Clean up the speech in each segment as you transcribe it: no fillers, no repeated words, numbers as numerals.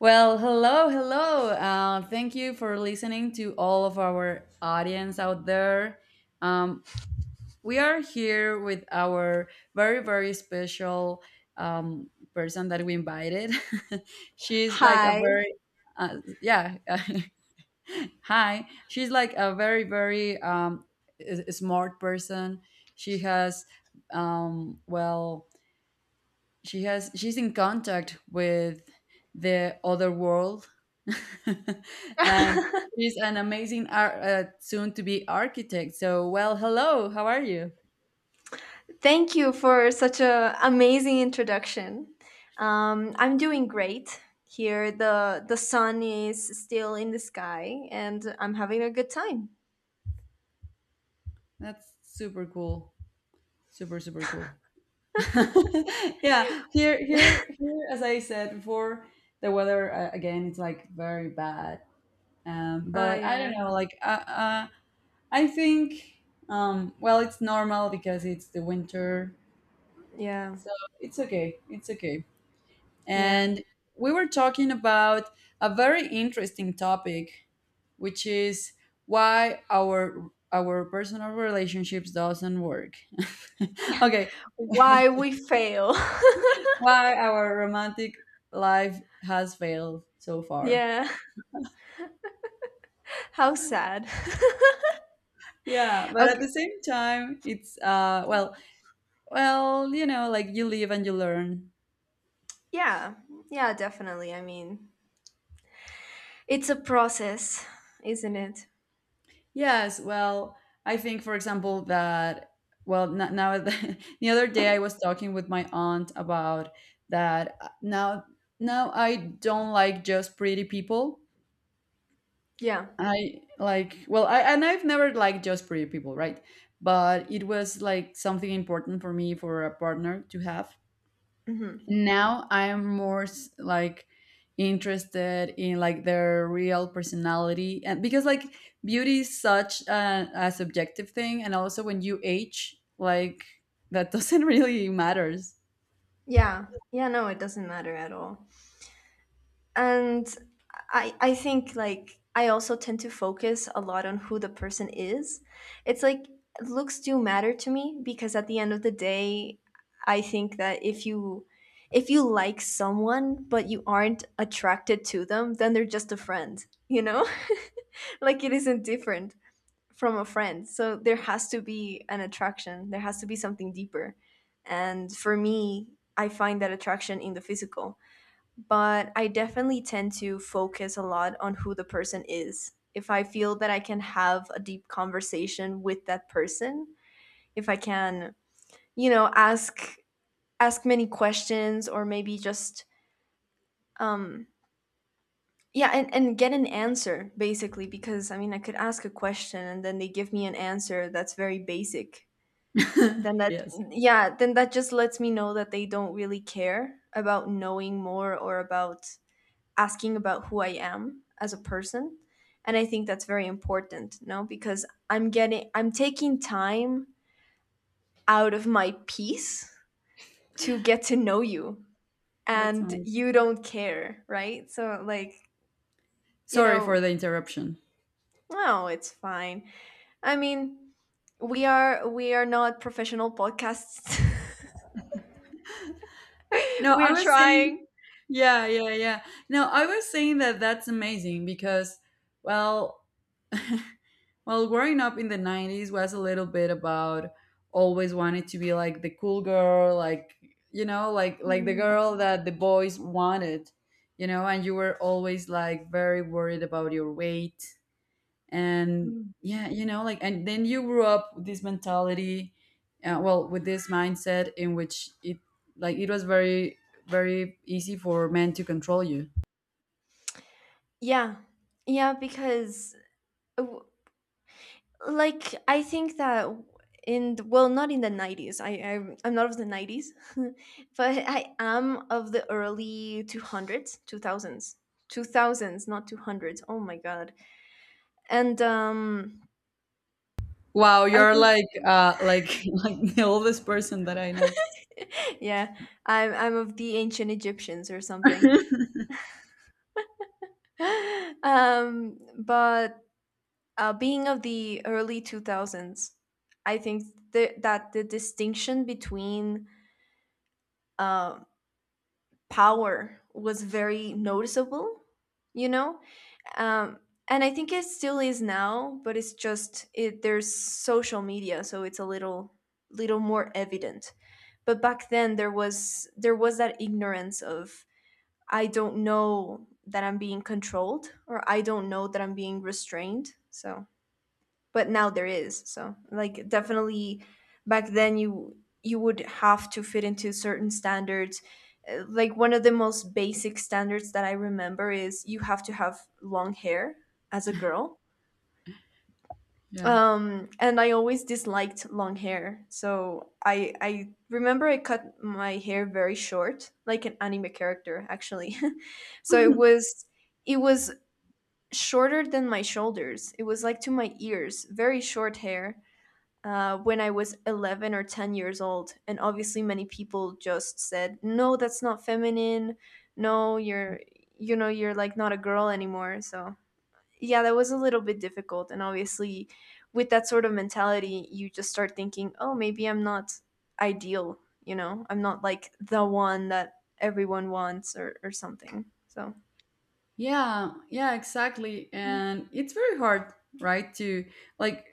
Well, hello, hello. Thank you for listening to all of our audience out there. Um, we are here with our very, very special person that we invited. She's like a Hi, very, yeah, hi. She's like a very, very smart person. She has, well, she's in contact with the other world and she's an amazing soon to be architect. So well, hello, how are you? thank you for such a amazing introduction. I'm doing great here. The sun is still in the sky, and I'm having a good time. That's super cool, super super cool. Yeah, here, as I said before, the weather, again, it's like very bad. Um, Ah, but I don't yeah, know, like I think, um, well, it's normal because it's the winter, yeah, so it's okay, it's okay. yeah. And we were talking about a very interesting topic, which is why our personal relationships doesn't work. Okay, Why we fail? why our romantic life has failed so far. Yeah, how sad. Yeah, but at the Okay, same time, it's well, well, you know, like, you live and you learn. yeah, yeah, definitely. I mean, it's a process, isn't it? Yes, well, I think, for example, that, well, now the other day I was talking with my aunt about that. Now, now I don't like just pretty people. Yeah, I like, well, I, and I've never liked just pretty people, right? But it was like something important for me for a partner to have. hmm, Now I am more like interested in like their real personality, and because, like, beauty is such a subjective thing, and also when you age, like, that doesn't really matters. yeah, yeah. No, it doesn't matter at all. And I think like I also tend to focus a lot on who the person is. It's like looks do matter to me because at the end of the day I think that if you like someone but you aren't attracted to them, then they're just a friend, you know. Like it isn't different from a friend, so there has to be an attraction, there has to be something deeper, and for me I find that attraction in the physical. But I definitely tend to focus a lot on who the person is. If I feel that I can have a deep conversation with that person, if I can, you know, ask many questions or maybe just um yeah, and get an answer basically, because I mean I could ask a question and then they give me an answer that's very basic. Then that Yes, Yeah, then that just lets me know that they don't really care about knowing more or about asking about who I am as a person. And I think that's very important, you know, because I'm taking time out of my peace to get to know you that's and nice. you don't care, right? So, like, you Sorry for know, the interruption. no, it's fine. I mean, we are not professional podcasts. No, I We're was saying, trying. yeah, yeah, yeah, no, I was saying that that's amazing because, well, well, growing up in the 90s was a little bit about always wanted to be like the cool girl, like, you know, like the Mhm. girl that the boys wanted, you know, and you were always like very worried about your weight and, Mm. yeah, you know, like, and then you grew up with this mentality, well, with this mindset in which it, like, it was very very easy for men to control you. Yeah. Yeah, because uh, w- like I think that in the, well not in the 90s I'm not of the 90s but I am of the early 200s 2000s. 2000s, not 200s, oh my god. And Wow, I you're think, like like the oldest person that I know. yeah, I'm of the ancient Egyptians or something. But being of the early 2000s, I think that the distinction between uh, power was very noticeable, you know. um, and I think it still is now, but it's just there's social media, so it's a little more evident. But back then there was that ignorance of, I don't know that I'm being controlled, or I don't know that I'm being restrained. So, but now there is, so like definitely back then you would have to fit into certain standards. Like one of the most basic standards that I remember is you have to have long hair as a girl. Yeah. And I always disliked long hair, so I I remember I cut my hair very short, like an anime character actually. So it was, it was shorter than my shoulders, it was like to my ears, very short hair, when I was 11 or 10 years old. And obviously, many people just said, no, that's not feminine. No, you're, you know, you're like not a girl anymore. So, yeah, that was a little bit difficult. And obviously, with that sort of mentality, you just start thinking, oh, maybe I'm not ideal, you know, I'm not like the one that everyone wants, or something. So, Yeah, yeah, exactly. And it's very hard, right? To, like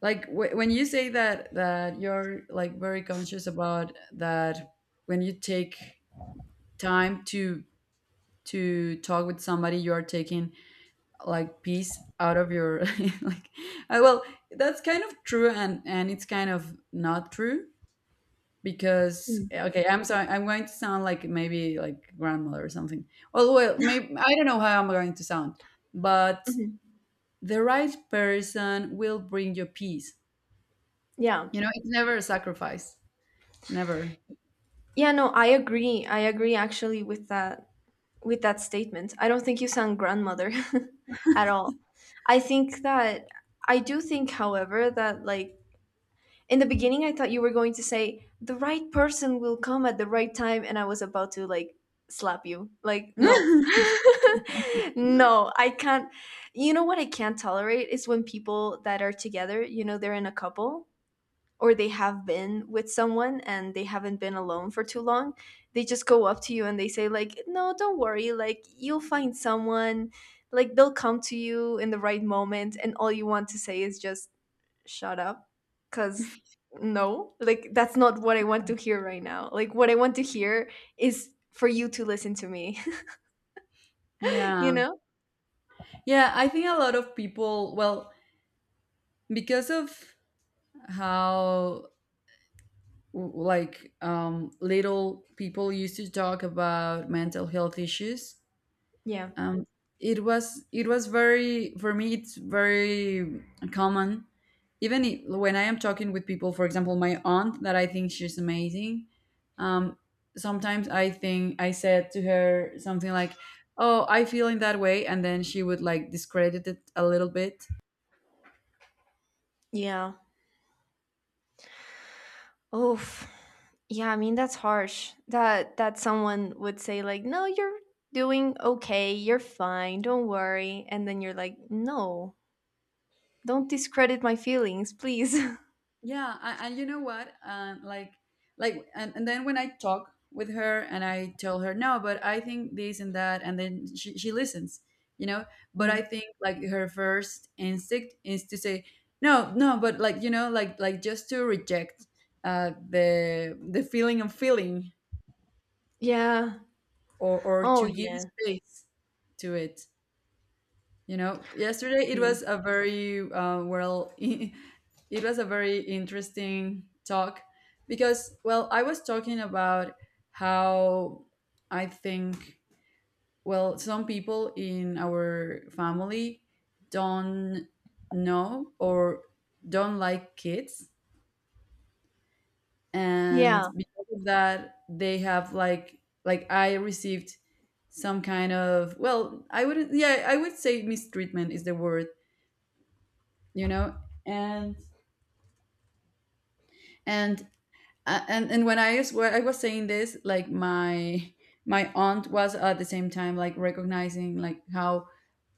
like when you say that that you're like very conscious about that, when you take time to talk with somebody, you are taking like peace out of your, like, I, well, that's kind of true, and it's kind of not true. Because, mm. okay, I'm sorry, I'm going to sound like maybe like grandmother or something. Well, well, maybe I don't know how I'm going to sound, but Mhm. the right person will bring you peace. Yeah. You know, it's never a sacrifice. Never. Yeah, no, I agree. I agree actually with that, with that statement. I don't think you sound grandmother at all. I think that I do think, however, that like in the beginning, I thought you were going to say the right person will come at the right time, and I was about to like slap you. Like, no, no, I can't. You know what I can't tolerate is when people that are together, you know, they're in a couple or they have been with someone and they haven't been alone for too long, they just go up to you and they say like, no, don't worry, like you'll find someone, like they'll come to you in the right moment. And all you want to say is just shut up, cuz no, like that's not what I want to hear right now. Like what I want to hear is for you to listen to me. You Yeah. know. Yeah, I think a lot of people, well, because of how, like, little people used to talk about mental health issues, Yeah. um, it was, it was very, for me it's very common, even when I am talking with people, for example, my aunt that I think she's amazing. Um, sometimes I think I said to her something like, oh, I feel in that way, and then she would like discredit it a little bit. Yeah. Oof. Yeah, I mean that's harsh. That someone would say like, "No, you're doing okay. You're fine. Don't worry." And then you're like, "No. Don't discredit my feelings, please." Yeah, I, and you know what, like and then when I talk with her and I tell her, no, but I think this and that, and then she listens, you know. But I Mm. think like her first instinct is to say, no, no, but like, you know, like just to reject the feeling, of feeling, Yeah. Or Oh, to give yeah. space to it. You know, yesterday it Mm. was a very well, it was a very interesting talk. Because, well, I was talking about how I think, well, some people in our family don't know or don't like kids, and Yeah. because of that, they have like I received some kind of, well, I would, yeah, I would say mistreatment is the word, you know. And and and when I was, when I was saying this, like, my aunt was at the same time like recognizing like how,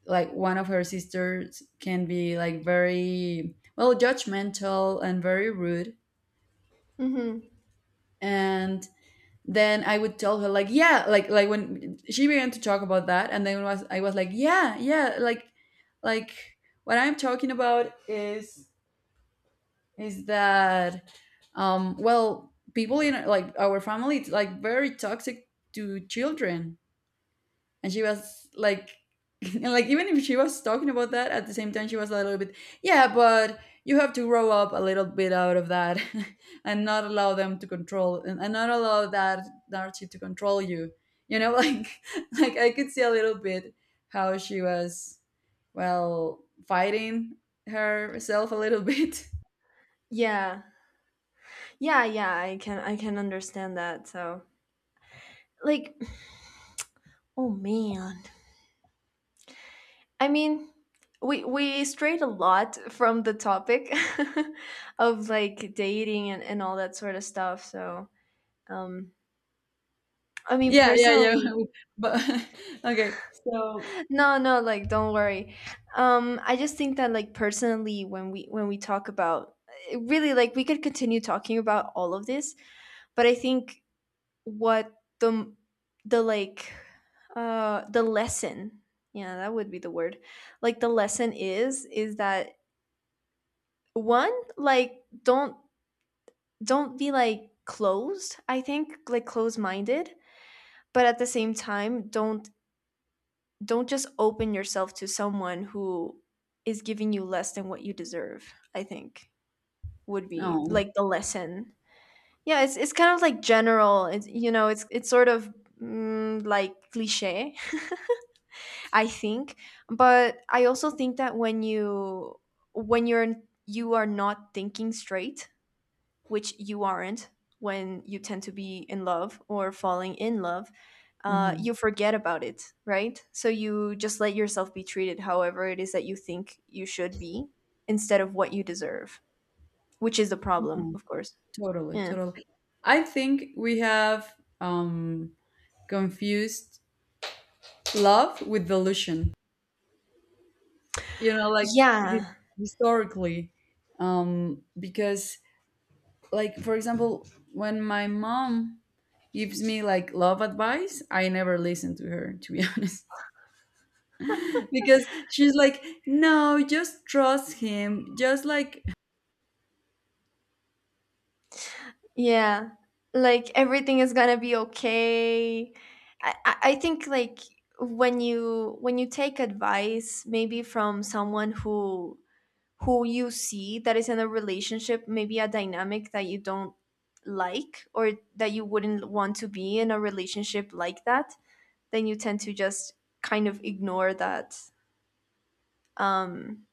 like, one of her sisters can be like very, well, judgmental and very rude. Hmm. And then I would tell her like, yeah, like when she began to talk about that, and then was, I was like, yeah yeah, like what I'm talking about is that, well, people in, like, our family, it's like very toxic to children. And she was like, and like, even if she was talking about that, at the same time she was a little bit, yeah, but you have to grow up a little bit out of that and not allow them to control, and not allow that narrative to control you, you know. Like, I could see a little bit how she was, well, fighting herself a little bit. Yeah. Yeah, yeah, I can, I can understand that. So, like, oh man. I mean, we strayed a lot from the topic of like dating and all that sort of stuff. So um I mean, Yeah, yeah, yeah. personally, But, okay, so, no, no, like don't worry. I just think that like personally, when we talk about, eh, really, like we could continue talking about all of this, but I think what the the like, the lesson, yeah, that would be the word. Like the lesson is that one, like don't be like closed. I think like closed minded, but at the same time, don't just open yourself to someone who is giving you less than what you deserve. I think would be no, like the lesson. Yeah it's kind of like general. It's, you know, it's sort of, mm, like cliche. I think, but I also think that when you're, you are not thinking straight, which you aren't, when you tend to be in love or falling in love, hmm, you forget about it, right? So you just let yourself be treated however it is that you think you should be, instead of what you deserve, which is the problem, of course. totally, Yeah. totally. I think we have um confused love with delusion. You know, like, his, Yeah. historically, because, like, for example, when my mom gives me like love advice, I never listen to her, to be honest. Because she's like, no, just trust him, just like. Yeah. Like everything is gonna be okay. I think like when you take advice maybe from someone who you see that is in a relationship, maybe a dynamic that you don't like or that you wouldn't want to be in a relationship like that, then you tend to just kind of ignore that. Um,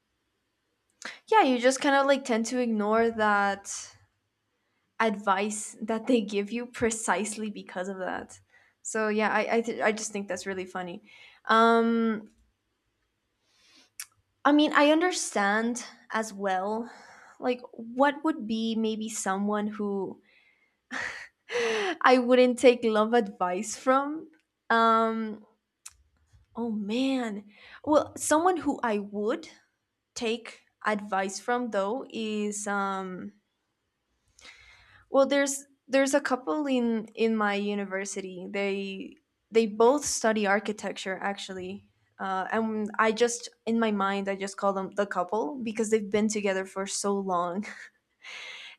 yeah, you just kind of like tend to ignore that advice that they give you, precisely because of that. So yeah, I just think that's really funny. Um, I mean, I understand as well. Like, what would be maybe someone who I wouldn't take love advice from. Um, oh man. Well, someone who I would take advice from though is, um, well, there's a couple in my university. They both study architecture actually. And I just in my mind I just call them the couple because they've been together for so long.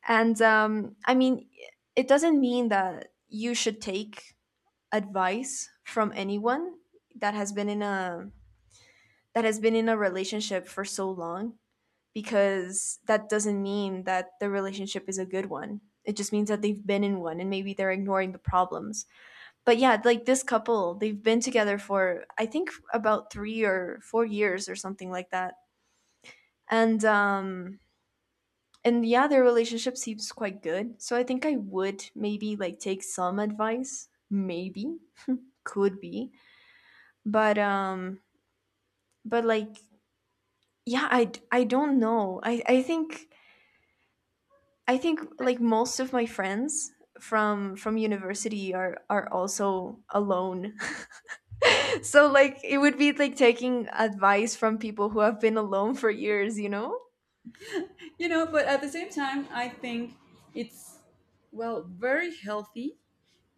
And um, I mean, it doesn't mean that you should take advice from anyone that has been in a, that has been in a relationship for so long, because that doesn't mean that the relationship is a good one. It just means that they've been in one and maybe they're ignoring the problems. But yeah, like this couple, they've been together for, I think, about 3 or 4 years or something like that. And um, and yeah, their relationship seems quite good. So I think I would maybe like take some advice, maybe, could be. But um, but like, yeah, I don't know, I think, I think like most of my friends from university are also alone. So like it would be like taking advice from people who have been alone for years, you know. You know, but at the same time, I think it's, well, very healthy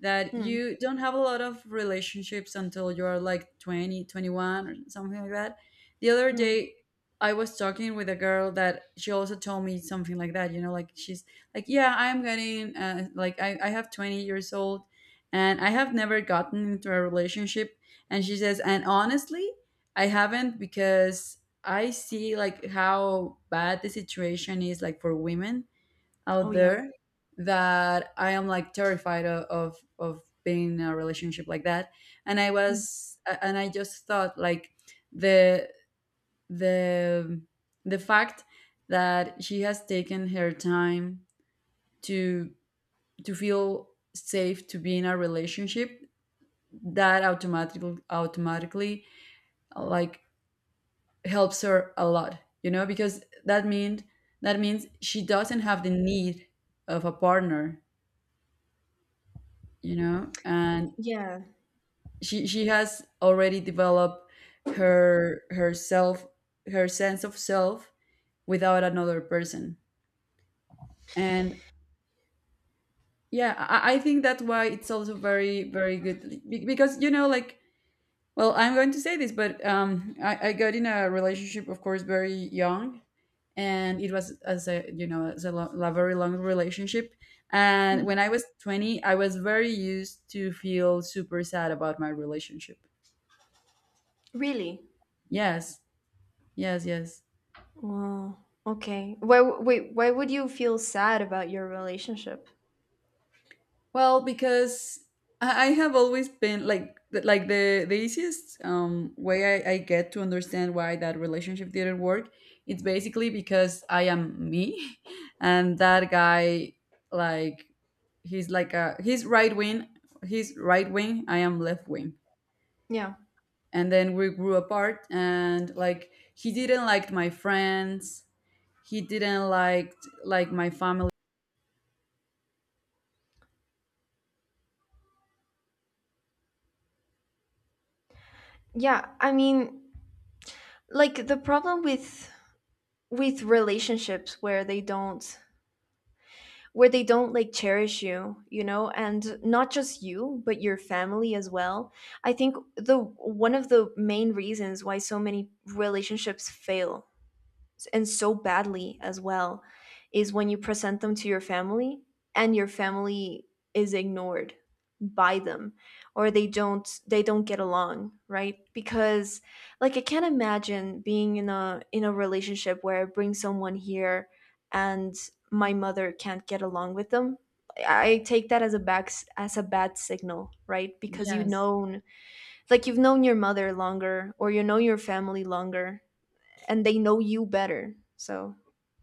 that Hmm. you don't have a lot of relationships until you're like 20, 21, or something like that. The other Hmm. day I was talking with a girl that she also told me something like that, you know, like, she's like, yeah, I'm getting, like, I have 20 years old, and I have never gotten into a relationship. And she says, and honestly, I haven't because I see like how bad the situation is like for women out Oh yeah. there, that I am like terrified of being in a relationship like that. And I Hmm. was and I just thought like, the the the fact that she has taken her time to to feel safe to be in a relationship, that automatically, automatically, like, helps her a lot, you know, because that means, that means she doesn't have the need of a partner, you know. And Yeah. she has already developed her, herself, her sense of self without another person. And yeah, I think that's why it's also very very good, because, you know, like, well, I'm going to say this, but I got in a relationship, of course, very young, and it was as a, you know, as a, a very long relationship. And Hmm. when I was 20, I was very used to feel super sad about my relationship. Really. Yes, yes yes. Wow. Okay, why wait, why would you feel sad about your relationship? Well, because I have always been like like the easiest way I get to understand why that relationship didn't work, it's basically because I am me, and that guy, like, he's like a, he's right wing, he's right wing. I am left wing, Yeah. and then we grew apart. And like, he didn't like my friends, he didn't like, my family. Yeah, I mean, like the problem with relationships where they don't, where they don't like cherish you, you know, and not just you, but your family as well. I think the one of the main reasons why so many relationships fail, and so badly as well, is when you present them to your family and your family is ignored by them, or they don't get along, right? Because like I can't imagine being in a, in a relationship where I bring someone here and my mother can't get along with them. I take that as a back, as a bad signal, right? Because you Yes, known, like you've known your mother longer, or you know your family longer, and they know you better. So,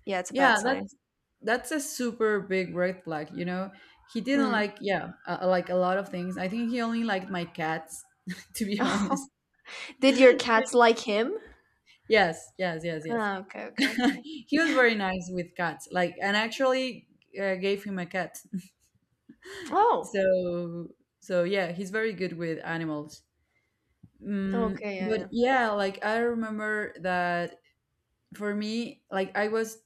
yeah, it's a bad yeah, sign. that's a super big red flag, you know. He didn't Mm. like, yeah, like, a lot of things. I think he only liked my cats, to be honest. Did your cats like him? Yes, yes, yes, yes. Ah, okay, okay, okay. He was very nice with cats. Like, and actually, gave him a cat. Oh, So, so yeah, he's very good with animals. Mm, okay, yeah, but yeah. yeah, like, I remember that for me, like, I was,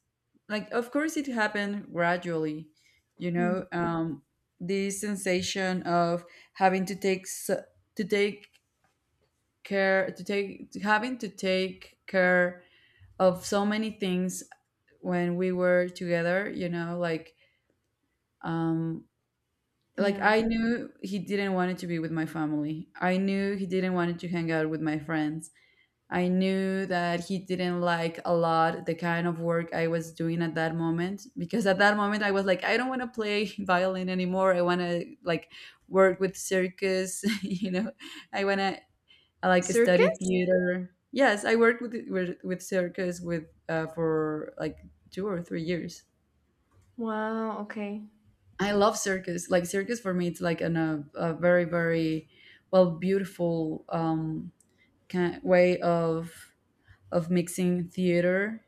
like, of course it happened gradually, you Mm, know, this sensation of having to take to take care, to take, having to take care of so many things when we were together, you know, like, um. Like, yeah. I knew he didn't want it to be with my family, I knew he didn't want it to hang out with my friends. I knew that he didn't like a lot the kind of work I was doing at that moment, because at that moment I was like, I don't want to play violin anymore, I want to like work with circus, you know. I want to, like, study Circus? theater. Yes, I worked with, with circus with, for like 2 or 3 years. Wow, okay. I love circus. Like, circus for me, it's like an, a very very, well, beautiful, kind way of mixing theater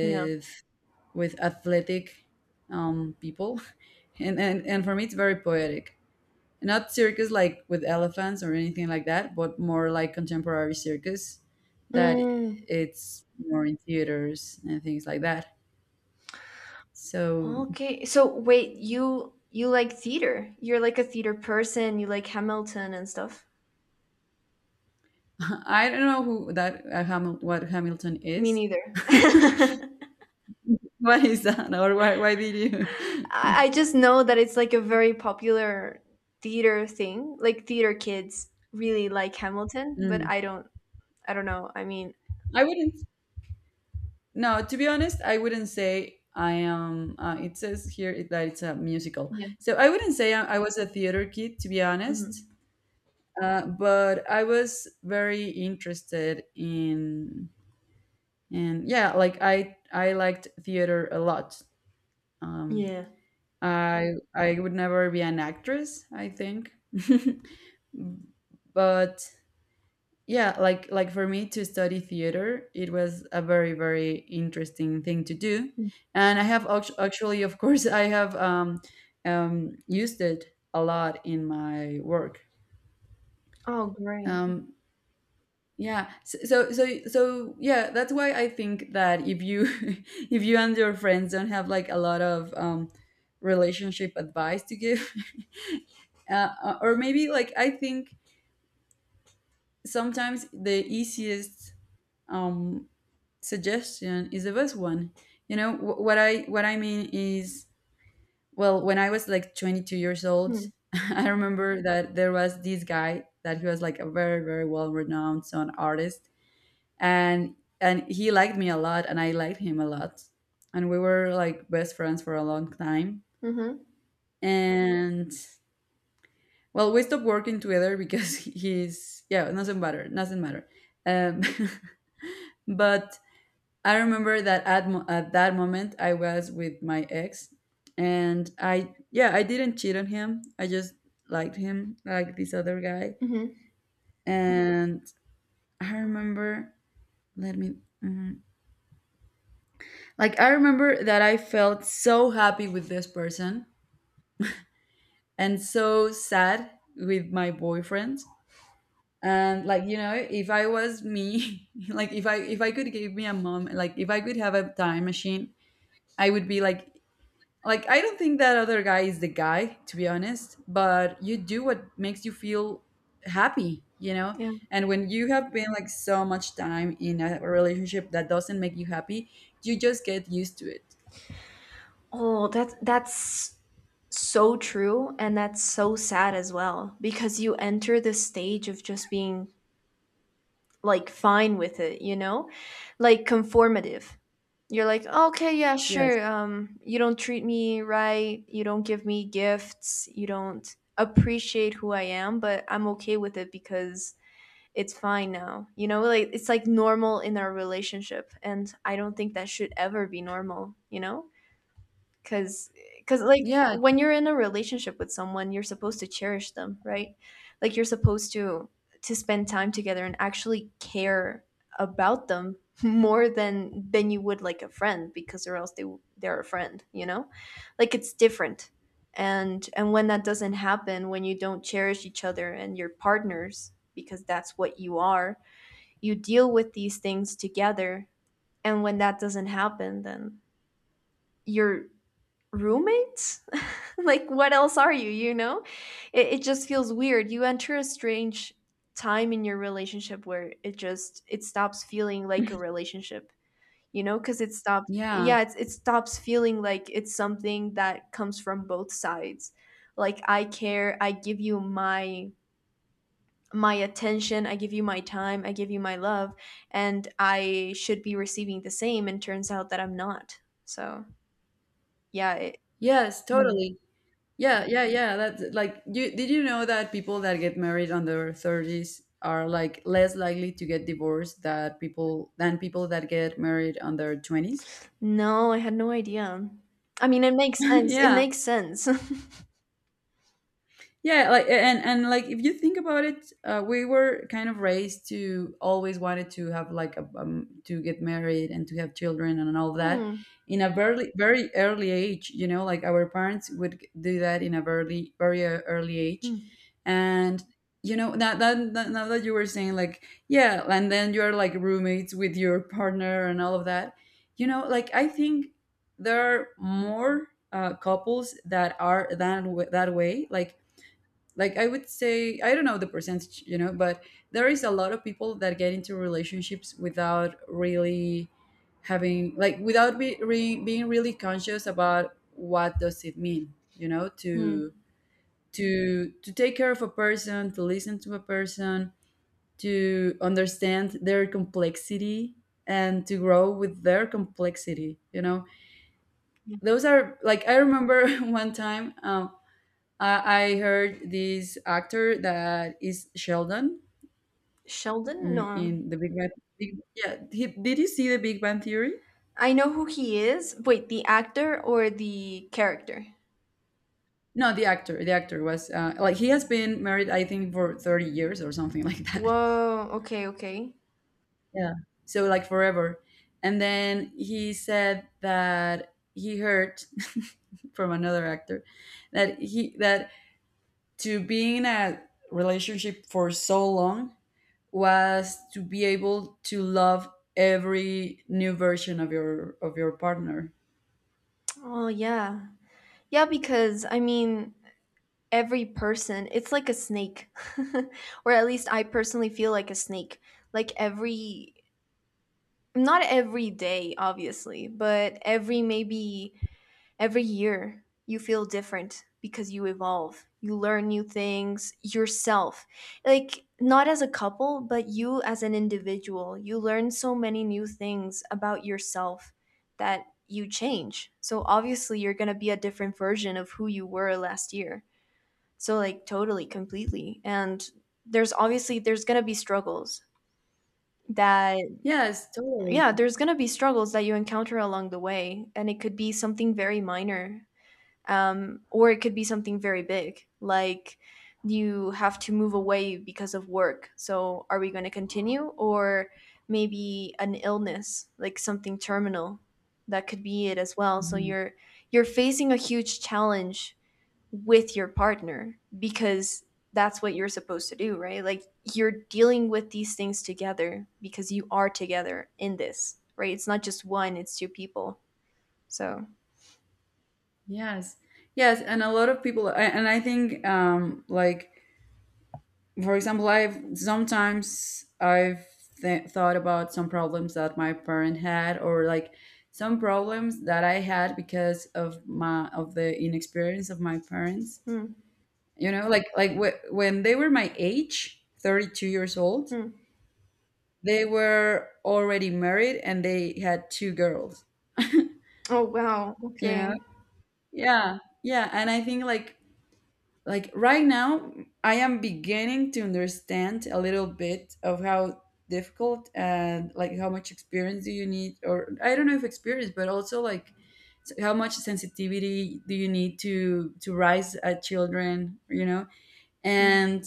Yeah. with athletic people, and for me, it's very poetic. Not circus like with elephants or anything like that, but more like contemporary circus that, Mm, it's more in theaters and things like that. So, okay. So, wait, you like theater. You're like a theater person. You like Hamilton and stuff. I don't know who that what Hamilton Me is. neither. What is that, or why did you? I just know that it's like a very popular theater thing. Like theater kids really like Hamilton, but Mm. I don't, I don't know. I mean, I wouldn't, no, to be honest, I wouldn't say I am. It says here that it's a musical, yeah. so I wouldn't say I was a theater kid, to be honest. Hmm. But I was very interested in, and yeah, like I liked theater a lot. Um, Yeah. I I would never be an actress, I think, but yeah, like for me to study theater, it was a very, very interesting thing to do. Mm. And I have actually, of course, I have used it a lot in my work. Oh, great. um, yeah, so, so yeah, that's why I think that if you if you and your friends don't have like a lot of relationship advice to give, uh, or maybe, like, I think sometimes the easiest um, suggestion is the best one. You know what I mean is, well, when I was like 22 years old, Hmm. I remember that there was this guy that he was like a very, very well renowned sound artist, and he liked me a lot, and I liked him a lot, and we were like best friends for a long time, Mm-hmm. and well, we stopped working together because he's yeah, nothing matter, nothing matter. Um, but I remember that at that moment I was with my ex, and I yeah, I didn't cheat on him. I just liked him, like this other guy. Mm-hmm. And I remember, let me, mm, like I remember that I felt so happy with this person and so sad with my boyfriend. And like, you know, if I was me, like if I could give me a moment, like if I could have a time machine, I would be like I don't think that other guy is the guy, to be honest, but you do what makes you feel happy, you know? Yeah. And when you have been like so much time in a relationship that doesn't make you happy, you just get used to it. Oh, that's so true, and that's so sad as well because you enter the stage of just being like fine with it, you know? Like conformative. You're like, "Okay, yeah, Yes. sure. You don't treat me right, you don't give me gifts, you don't appreciate who I am, but I'm okay with it because it's fine now. You know, like it's like normal in our relationship, and I don't think that should ever be normal, you know? because because like Yeah. when you're in a relationship with someone, you're supposed to cherish them, right? Like you're supposed to spend time together and actually care about them more than you would like a friend, because or else they're a friend, you know, like it's different. And when that doesn't happen, when you don't cherish each other and your partners, because that's what you are, you deal with these things together. And when that doesn't happen, then you're roommates. Like what else are you, you know? It just feels weird. You enter a strange time in your relationship where it just it stops feeling like a relationship, you know? Because it stops, Yeah. yeah, it stops feeling like it's something that comes from both sides. Like I care, I give you my my attention, I give you my time, I give you my love, and I should be receiving the same, and turns out that I'm not. So yeah, Yes, hmm. totally. Yeah, yeah, yeah. That's like, you did you know that people that get married on their 30s are like less likely to get divorced that people than people that get married on their 20s? No, I had no idea. I mean, it makes sense. It Yeah. makes sense. Yeah, like, and like if you think about it, we were kind of raised to always wanted to have like a to get married and to have children and all that Hmm. in a very, very early age, you know, like our parents would do that in a very, very early age. Hmm. And you know now that now that you were saying like yeah and then you're like roommates with your partner and all of that, you know, like I think there are more couples that are that way, like I would say, I don't know the percentage, you know, but there is a lot of people that get into relationships without really having, like, without be, re, being really conscious about what does it mean, you know, Hmm. To take care of a person, to listen to a person, to understand their complexity, and to grow with their complexity, you know? Yeah. Those are like, I remember one time, I heard this actor that is Sheldon, Sheldon? No. in the Big Bang. Big, yeah, he, did you see the Big Bang Theory? I know who he is. Wait, the actor or the character? No, the actor. The actor was like he has been married, I think, for 30 years or something like that. Whoa. Okay, okay. Yeah. So like forever. And then he said that he heard from another actor that to be in a relationship for so long was to be able to love every new version of your partner. Oh, yeah. Yeah, because I mean, every person, it's like a snake. Or at least I personally feel like a snake. Like every, not every day, obviously, but every maybe every year, you feel different because you evolve. You learn new things yourself. Like, not as a couple, but you as an individual. You learn so many new things about yourself that you change. So, obviously, you're going to be a different version of who you were last year. So, like, totally, completely. And there's obviously there's going to be struggles that Yes, totally. yeah, there's going to be struggles that you encounter along the way, and it could be something very minor, or it could be something very big, like you have to move away because of work, so are we going to continue? Or maybe an illness, like something terminal, that could be it as well. So Mhm. You're facing a huge challenge with your partner, because that's what you're supposed to do, right? Like you're dealing with these things together because you are together in this, right? It's not just one, it's two people. So Yes, yes, and a lot of people, and I think, like, for example, I've sometimes I've thought about some problems that my parent had, or like some problems that I had because of my of the inexperience of my parents. hmm, You know, like when they were my age, 32 years old, hmm. they were already married and they had two girls. You Oh wow, know? okay. Yeah. Yeah, and I think like right now I am beginning to understand a little bit of how difficult and like how much experience do you need, or I don't know if experience, but also like how much sensitivity do you need to raise a children, you know? Mm. And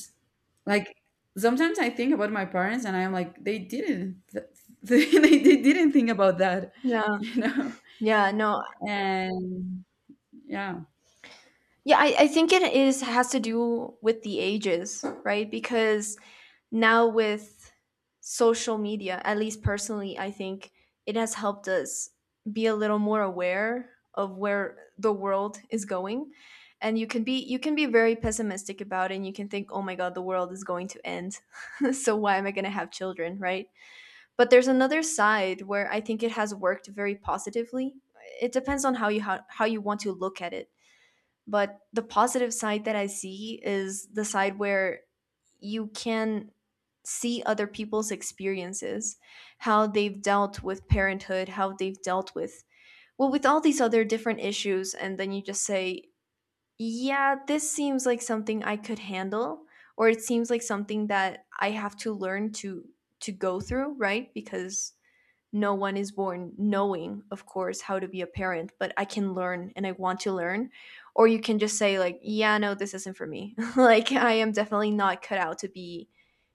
like sometimes I think about my parents and I'm like, they didn't, they, they didn't think about that, Yeah, you know? yeah, no. And yeah, Yeah, I think it is has to do with the ages, right? Because now with social media, at least personally, I think it has helped us be a little more aware of where the world is going. And you can be very pessimistic about it and you can think, "Oh my God, the world is going to end. So why am I going to have children?" right? But there's another side where I think it has worked very positively. It depends on how you how you want to look at it. But the positive side that I see is the side where you can see other people's experiences, how they've dealt with parenthood, how they've dealt with well with all these other different issues, and then you just say, "Yeah, this seems like something I could handle." Or it seems like something that I have to learn to go through, right? Because no one is born knowing, of course, how to be a parent, but I can learn and I want to learn. Or you can just say like, yeah, no, this isn't for me. Like I am definitely not cut out to be,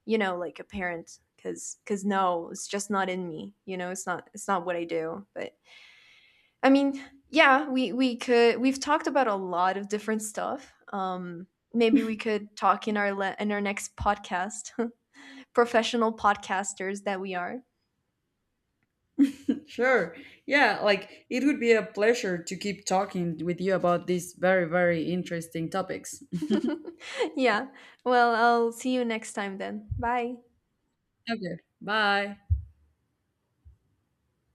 you know, like a parent, cuz no, it's just not in me, you know, it's not, it's not what I do. But I mean, yeah, we could, we've talked about a lot of different stuff. Maybe we could talk in in our next podcast. Professional podcasters that we are. sure. Yeah, like it would be a pleasure to keep talking with you about these very, very interesting topics. Yeah. Well, I'll see you next time then. Bye. Okay, bye.